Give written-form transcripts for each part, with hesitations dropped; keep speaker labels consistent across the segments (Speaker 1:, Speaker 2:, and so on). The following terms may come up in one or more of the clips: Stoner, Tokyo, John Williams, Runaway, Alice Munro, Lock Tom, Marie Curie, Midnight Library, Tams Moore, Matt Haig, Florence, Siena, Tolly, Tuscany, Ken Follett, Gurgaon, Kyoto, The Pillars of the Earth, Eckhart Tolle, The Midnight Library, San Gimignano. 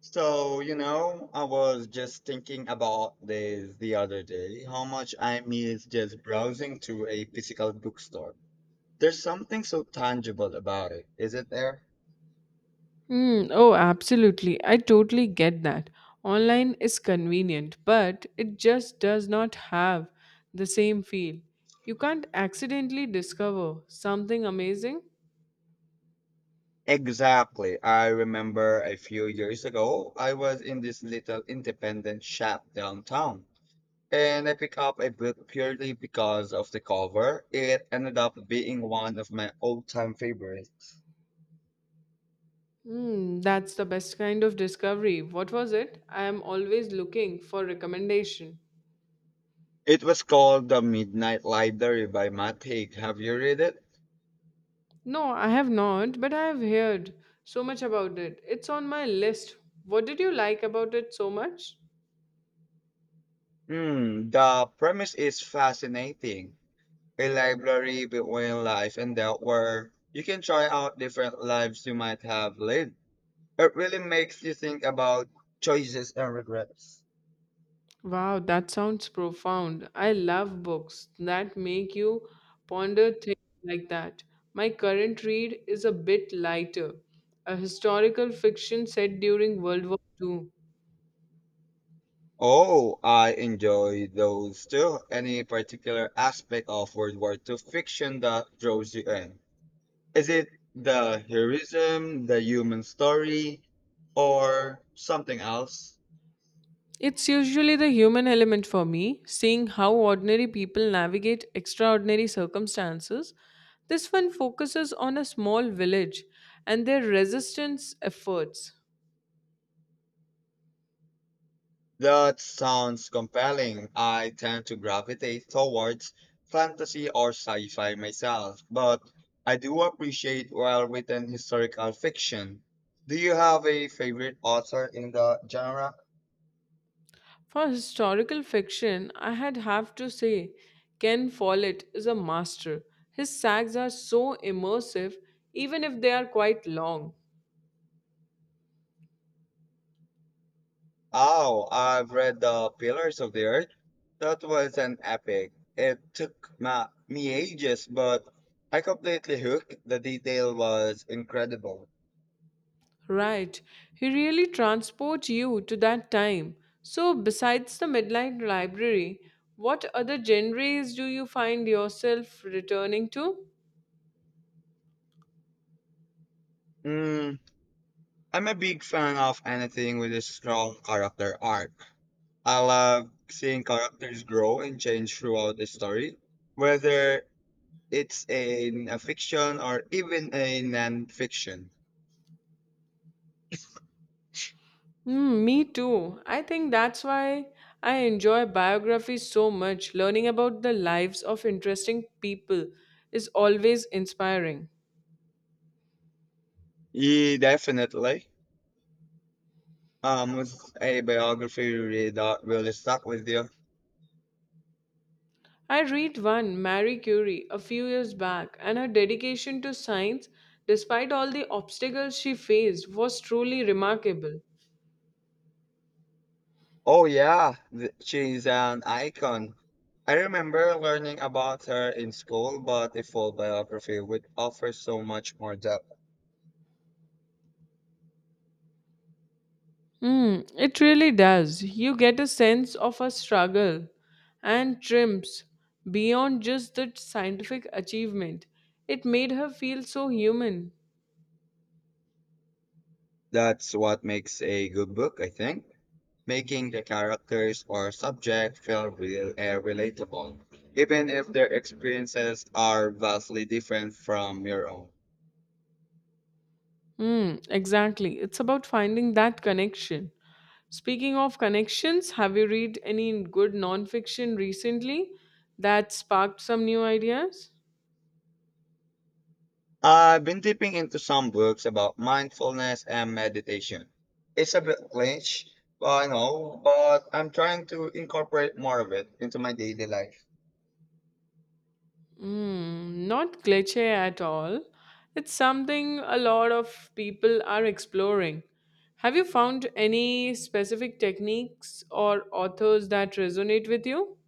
Speaker 1: So, I was just thinking about this the other day, how much I miss just browsing to a physical bookstore. There's something so tangible about it, isn't there?
Speaker 2: Hmm. Oh, absolutely. I totally get that. Online is convenient, but it just does not have the same feel. You can't accidentally discover something amazing.
Speaker 1: Exactly. I remember a few years ago, I was in this little independent shop downtown, and I picked up a book purely because of the cover. It ended up being one of my all-time favorites.
Speaker 2: Hmm. That's the best kind of discovery. What was it? I am always looking for recommendation.
Speaker 1: It was called The Midnight Library by Matt Haig. Have you read it?
Speaker 2: No, I have not, but I have heard so much about it. It's on my list. What did you like about it so much?
Speaker 1: The premise is fascinating. A library between life and death where you can try out different lives you might have lived. It really makes you think about choices and regrets.
Speaker 2: Wow, that sounds profound. I love books that make you ponder things like that. My current read is a bit lighter, a historical fiction set during World War II.
Speaker 1: Oh, I enjoy those too. Any particular aspect of World War II fiction that draws you in? Is it the heroism, the human story, or something else?
Speaker 2: It's usually the human element for me, seeing how ordinary people navigate extraordinary circumstances. This one focuses on a small village and their resistance efforts.
Speaker 1: That sounds compelling. I tend to gravitate towards fantasy or sci fi myself, but I do appreciate well written historical fiction. Do you have a favorite author in the genre?
Speaker 2: For historical fiction, I had have to say Ken Follett is a master. His sags are so immersive, even if they are quite long.
Speaker 1: Oh, I've read The Pillars of the Earth. That was an epic. Me ages, but I completely hooked. The detail was incredible.
Speaker 2: Right, he really transports you to that time. So, besides the Midnight Library, what other genres do you find yourself returning to?
Speaker 1: Mm, I'm a big fan of anything with a strong character arc. I love seeing characters grow and change throughout the story, whether it's in a fiction or even a non-fiction.
Speaker 2: Mm, me too. I think that's why I enjoy biographies so much. Learning about the lives of interesting people is always inspiring.
Speaker 1: Yeah, definitely. Was a biography you read that really stuck with you?
Speaker 2: I read one, Marie Curie, a few years back, and her dedication to science, despite all the obstacles she faced, was truly remarkable.
Speaker 1: Oh yeah, she's an icon. I remember learning about her in school, but a full biography would offer so much more depth.
Speaker 2: Mm, it really does. You get a sense of her struggle and triumphs beyond just the scientific achievement. It made her feel so human.
Speaker 1: That's what makes a good book, I think. Making the characters or subject feel real and relatable, even if their experiences are vastly different from your own.
Speaker 2: Mm, exactly. It's about finding that connection. Speaking of connections, have you read any good nonfiction recently that sparked some new ideas?
Speaker 1: I've been dipping into some books about mindfulness and meditation. It's a bit niche, I know, but I'm trying to incorporate more of it into my daily life.
Speaker 2: Mm, not glitchy at all. It's something a lot of people are exploring. Have you found any specific techniques or authors that resonate with you?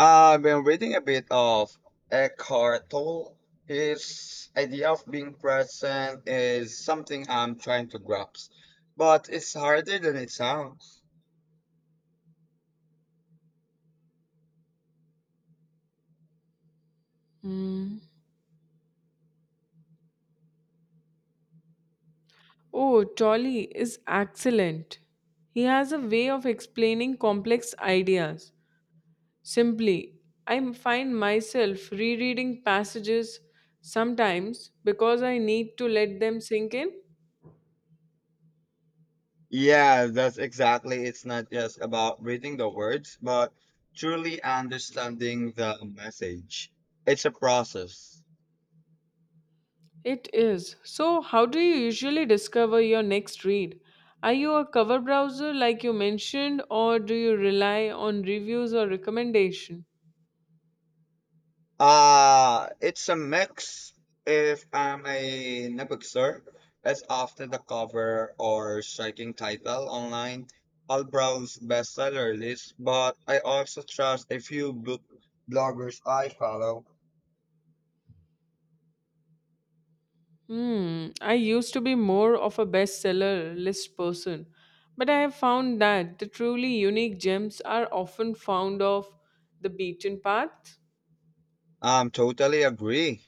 Speaker 1: I've been reading a bit of Eckhart Tolle. His idea of being present is something I'm trying to grasp, but it's harder than it sounds.
Speaker 2: Mm. Oh, Tolly is excellent. He has a way of explaining complex ideas simply, I find myself rereading passages sometimes because I need to let them sink in.
Speaker 1: Yeah, that's exactly. It's not just about reading the words, but truly understanding the message. It's a process.
Speaker 2: It is. So, how do you usually discover your next read? Are you a cover browser like you mentioned, or do you rely on reviews or recommendation?
Speaker 1: It's a mix. If I'm a bookstore, that's often the cover or striking title online. I'll browse bestseller lists, but I also trust a few book bloggers I follow.
Speaker 2: Hmm, I used to be more of a bestseller list person, but I have found that the truly unique gems are often found off the beaten path.
Speaker 1: Totally agree.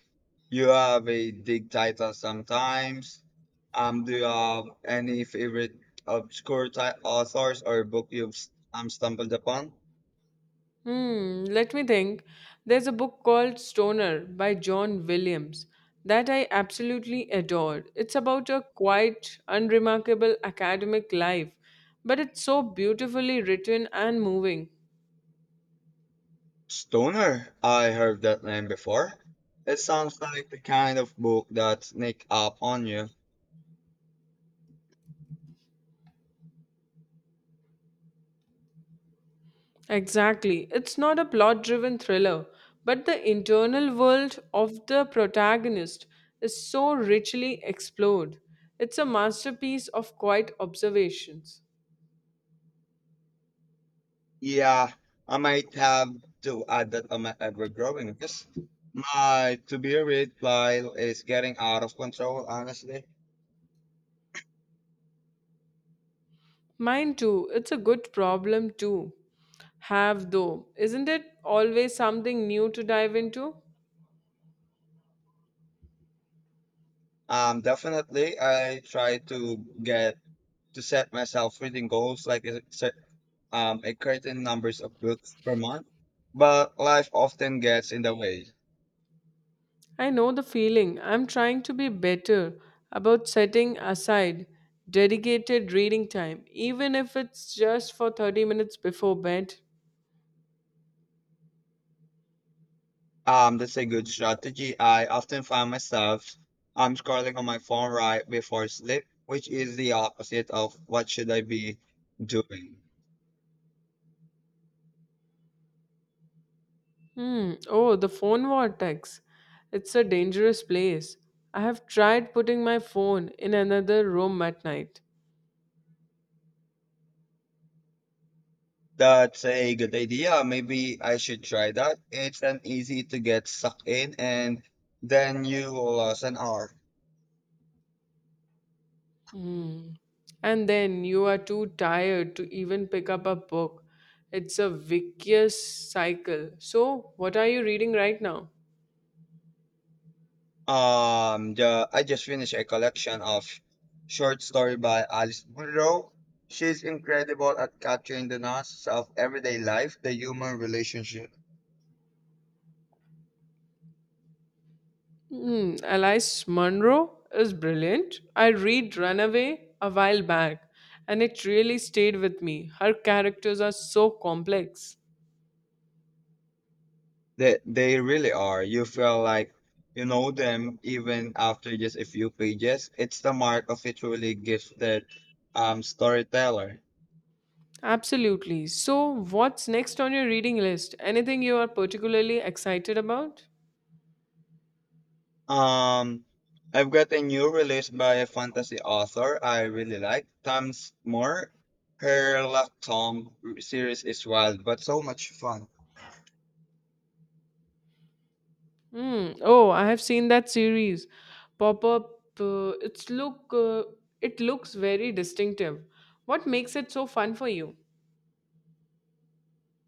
Speaker 1: You have a big title sometimes. Do you have any favorite obscure authors or book you've stumbled upon?
Speaker 2: Hmm, let me think. There's a book called Stoner by John Williams that I absolutely adored. It's about a quite unremarkable academic life, but it's so beautifully written and moving.
Speaker 1: Stoner? I heard that name before. It sounds like the kind of book that sneak up on you.
Speaker 2: Exactly. It's not a plot driven thriller, but the internal world of the protagonist is so richly explored. It's a masterpiece of quiet observations.
Speaker 1: Yeah, I might have to add that on my ever-growing list. My to-be-read pile is getting out of control, honestly.
Speaker 2: Mine too. It's a good problem to have, though. Isn't it always something new to dive into?
Speaker 1: Definitely, I try to get to set myself reading goals, like a certain numbers of books per month, but life often gets in the way.
Speaker 2: I know the feeling. I'm trying to be better about setting aside dedicated reading time, even if it's just for 30 minutes before bed.
Speaker 1: That's a good strategy. I often find myself scrolling on my phone right before sleep, which is the opposite of what should I be doing.
Speaker 2: Hmm. Oh, the phone vortex. It's a dangerous place. I have tried putting my phone in another room at night.
Speaker 1: That's a good idea. Maybe I should try that. It's an easy to get sucked in and then you will lose an hour.
Speaker 2: Mm. And then you are too tired to even pick up a book. It's a vicious cycle. So, what are you reading right now?
Speaker 1: I just finished a collection of short story by Alice Munro. She's incredible at capturing the nuances of everyday life, the human relationship.
Speaker 2: Mm, Alice Munro is brilliant. I read Runaway a while back and it really stayed with me. Her characters are so complex.
Speaker 1: They really are. You feel like you know them even after just a few pages. It's the mark of a truly gifted storyteller.
Speaker 2: Absolutely. So, what's next on your reading list? Anything you are particularly excited about?
Speaker 1: Um I've got a new release by a fantasy author I really like, Tams Moore. Her Lock Tom series is wild, but so much fun.
Speaker 2: Hmm. Oh, I have seen that series pop up. It's look. It looks very distinctive. What makes it so fun for you?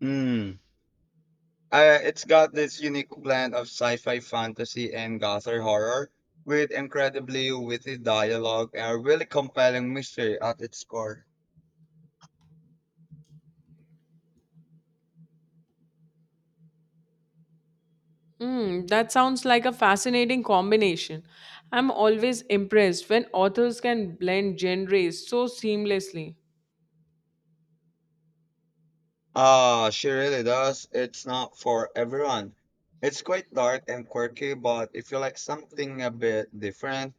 Speaker 1: Mm. It's got this unique blend of sci-fi fantasy and gothic horror with incredibly witty dialogue and a really compelling mystery at its core.
Speaker 2: Hmm. That sounds like a fascinating combination. I'm always impressed when authors can blend genres so seamlessly.
Speaker 1: Ah, she really does. It's not for everyone. It's quite dark and quirky, but if you like something a bit different,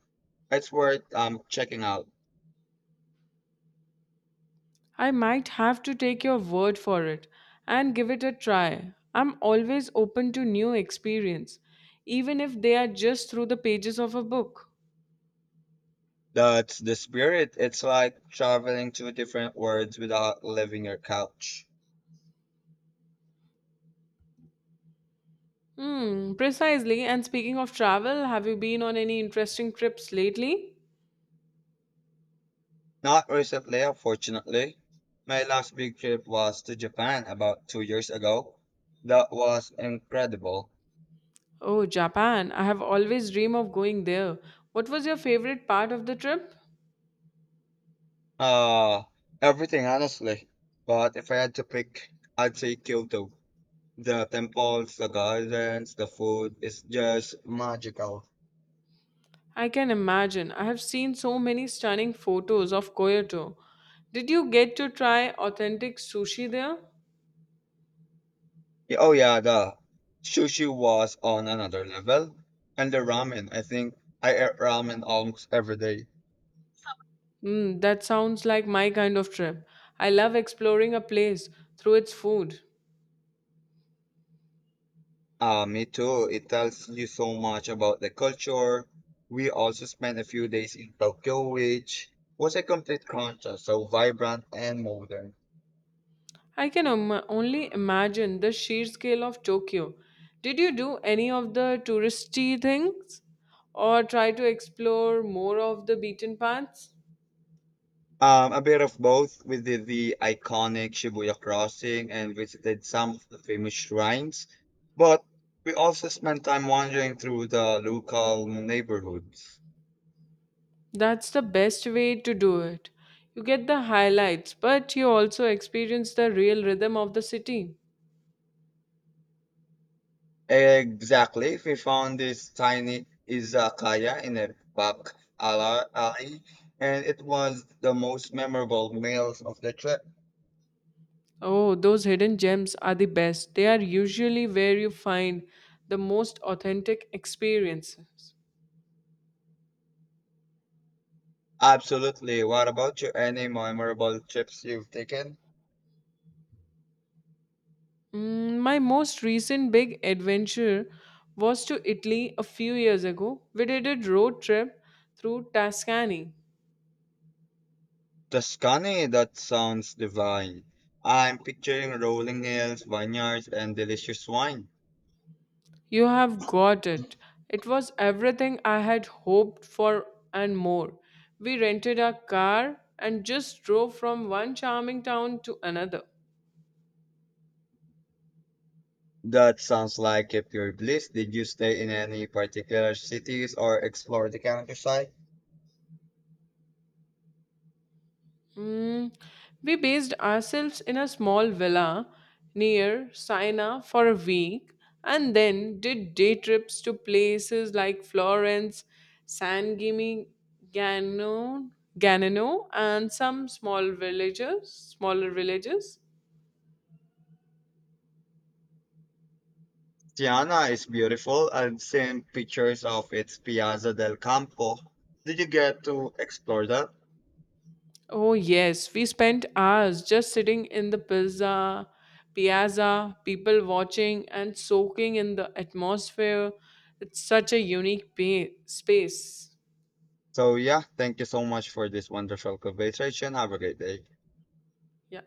Speaker 1: it's worth checking out.
Speaker 2: I might have to take your word for it and give it a try. I'm always open to new experience, even if they are just through the pages of a book.
Speaker 1: That's the spirit. It's like traveling to different worlds without leaving your couch.
Speaker 2: Hmm, precisely. And speaking of travel, have you been on any interesting trips lately?
Speaker 1: Not recently, unfortunately. My last big trip was to Japan about 2 years ago. That was incredible.
Speaker 2: Oh, Japan. I have always dreamed of going there. What was your favorite part of the trip?
Speaker 1: Uh, Everything, honestly. But if I had to pick, I'd say Kyoto. The temples, the gardens, the food is just magical.
Speaker 2: I can imagine. I have seen so many stunning photos of Kyoto. Did you get to try authentic sushi there?
Speaker 1: Yeah, oh, yeah, the sushi was on another level. And the ramen, I think I ate ramen almost every day.
Speaker 2: Hmm, that sounds like my kind of trip. I love exploring a place through its food.
Speaker 1: Me too. It tells you so much about the culture. We also spent a few days in Tokyo, which was a complete contrast, so vibrant and modern.
Speaker 2: I can only imagine the sheer scale of Tokyo. Did you do any of the touristy things or try to explore more of the beaten paths?
Speaker 1: A bit of both. We did the iconic Shibuya crossing and visited some of the famous shrines, but we also spent time wandering through the local neighborhoods.
Speaker 2: That's the best way to do it. You get the highlights, but you also experience the real rhythm of the city.
Speaker 1: Exactly. We found this tiny izakaya in a back alley, and it was the most memorable meals of the trip.
Speaker 2: Oh, those hidden gems are the best. They are usually where you find the most authentic experiences.
Speaker 1: Absolutely. What about you? Any memorable trips you've taken?
Speaker 2: Mm, my most recent big adventure was to Italy a few years ago. We did a road trip through Tuscany.
Speaker 1: Tuscany, that sounds divine. I'm picturing rolling hills, vineyards, and delicious wine.
Speaker 2: You have got it. It was everything I had hoped for and more. We rented a car and just drove from one charming town to another.
Speaker 1: That sounds like a pure bliss. Did you stay in any particular cities or explore the countryside?
Speaker 2: Mm, we based ourselves in a small villa near Siena for a week and then did day trips to places like Florence, San Gimignano, Ganano, and some small villages, smaller villages.
Speaker 1: Tiana is beautiful. I've seen pictures of its Piazza del Campo. Did you get to explore that?
Speaker 2: Oh yes, we spent hours just sitting in the pizza piazza, people watching and soaking in the atmosphere. It's such a unique space.
Speaker 1: So yeah, thank you so much for this wonderful conversation. Have a great day.
Speaker 2: Yeah.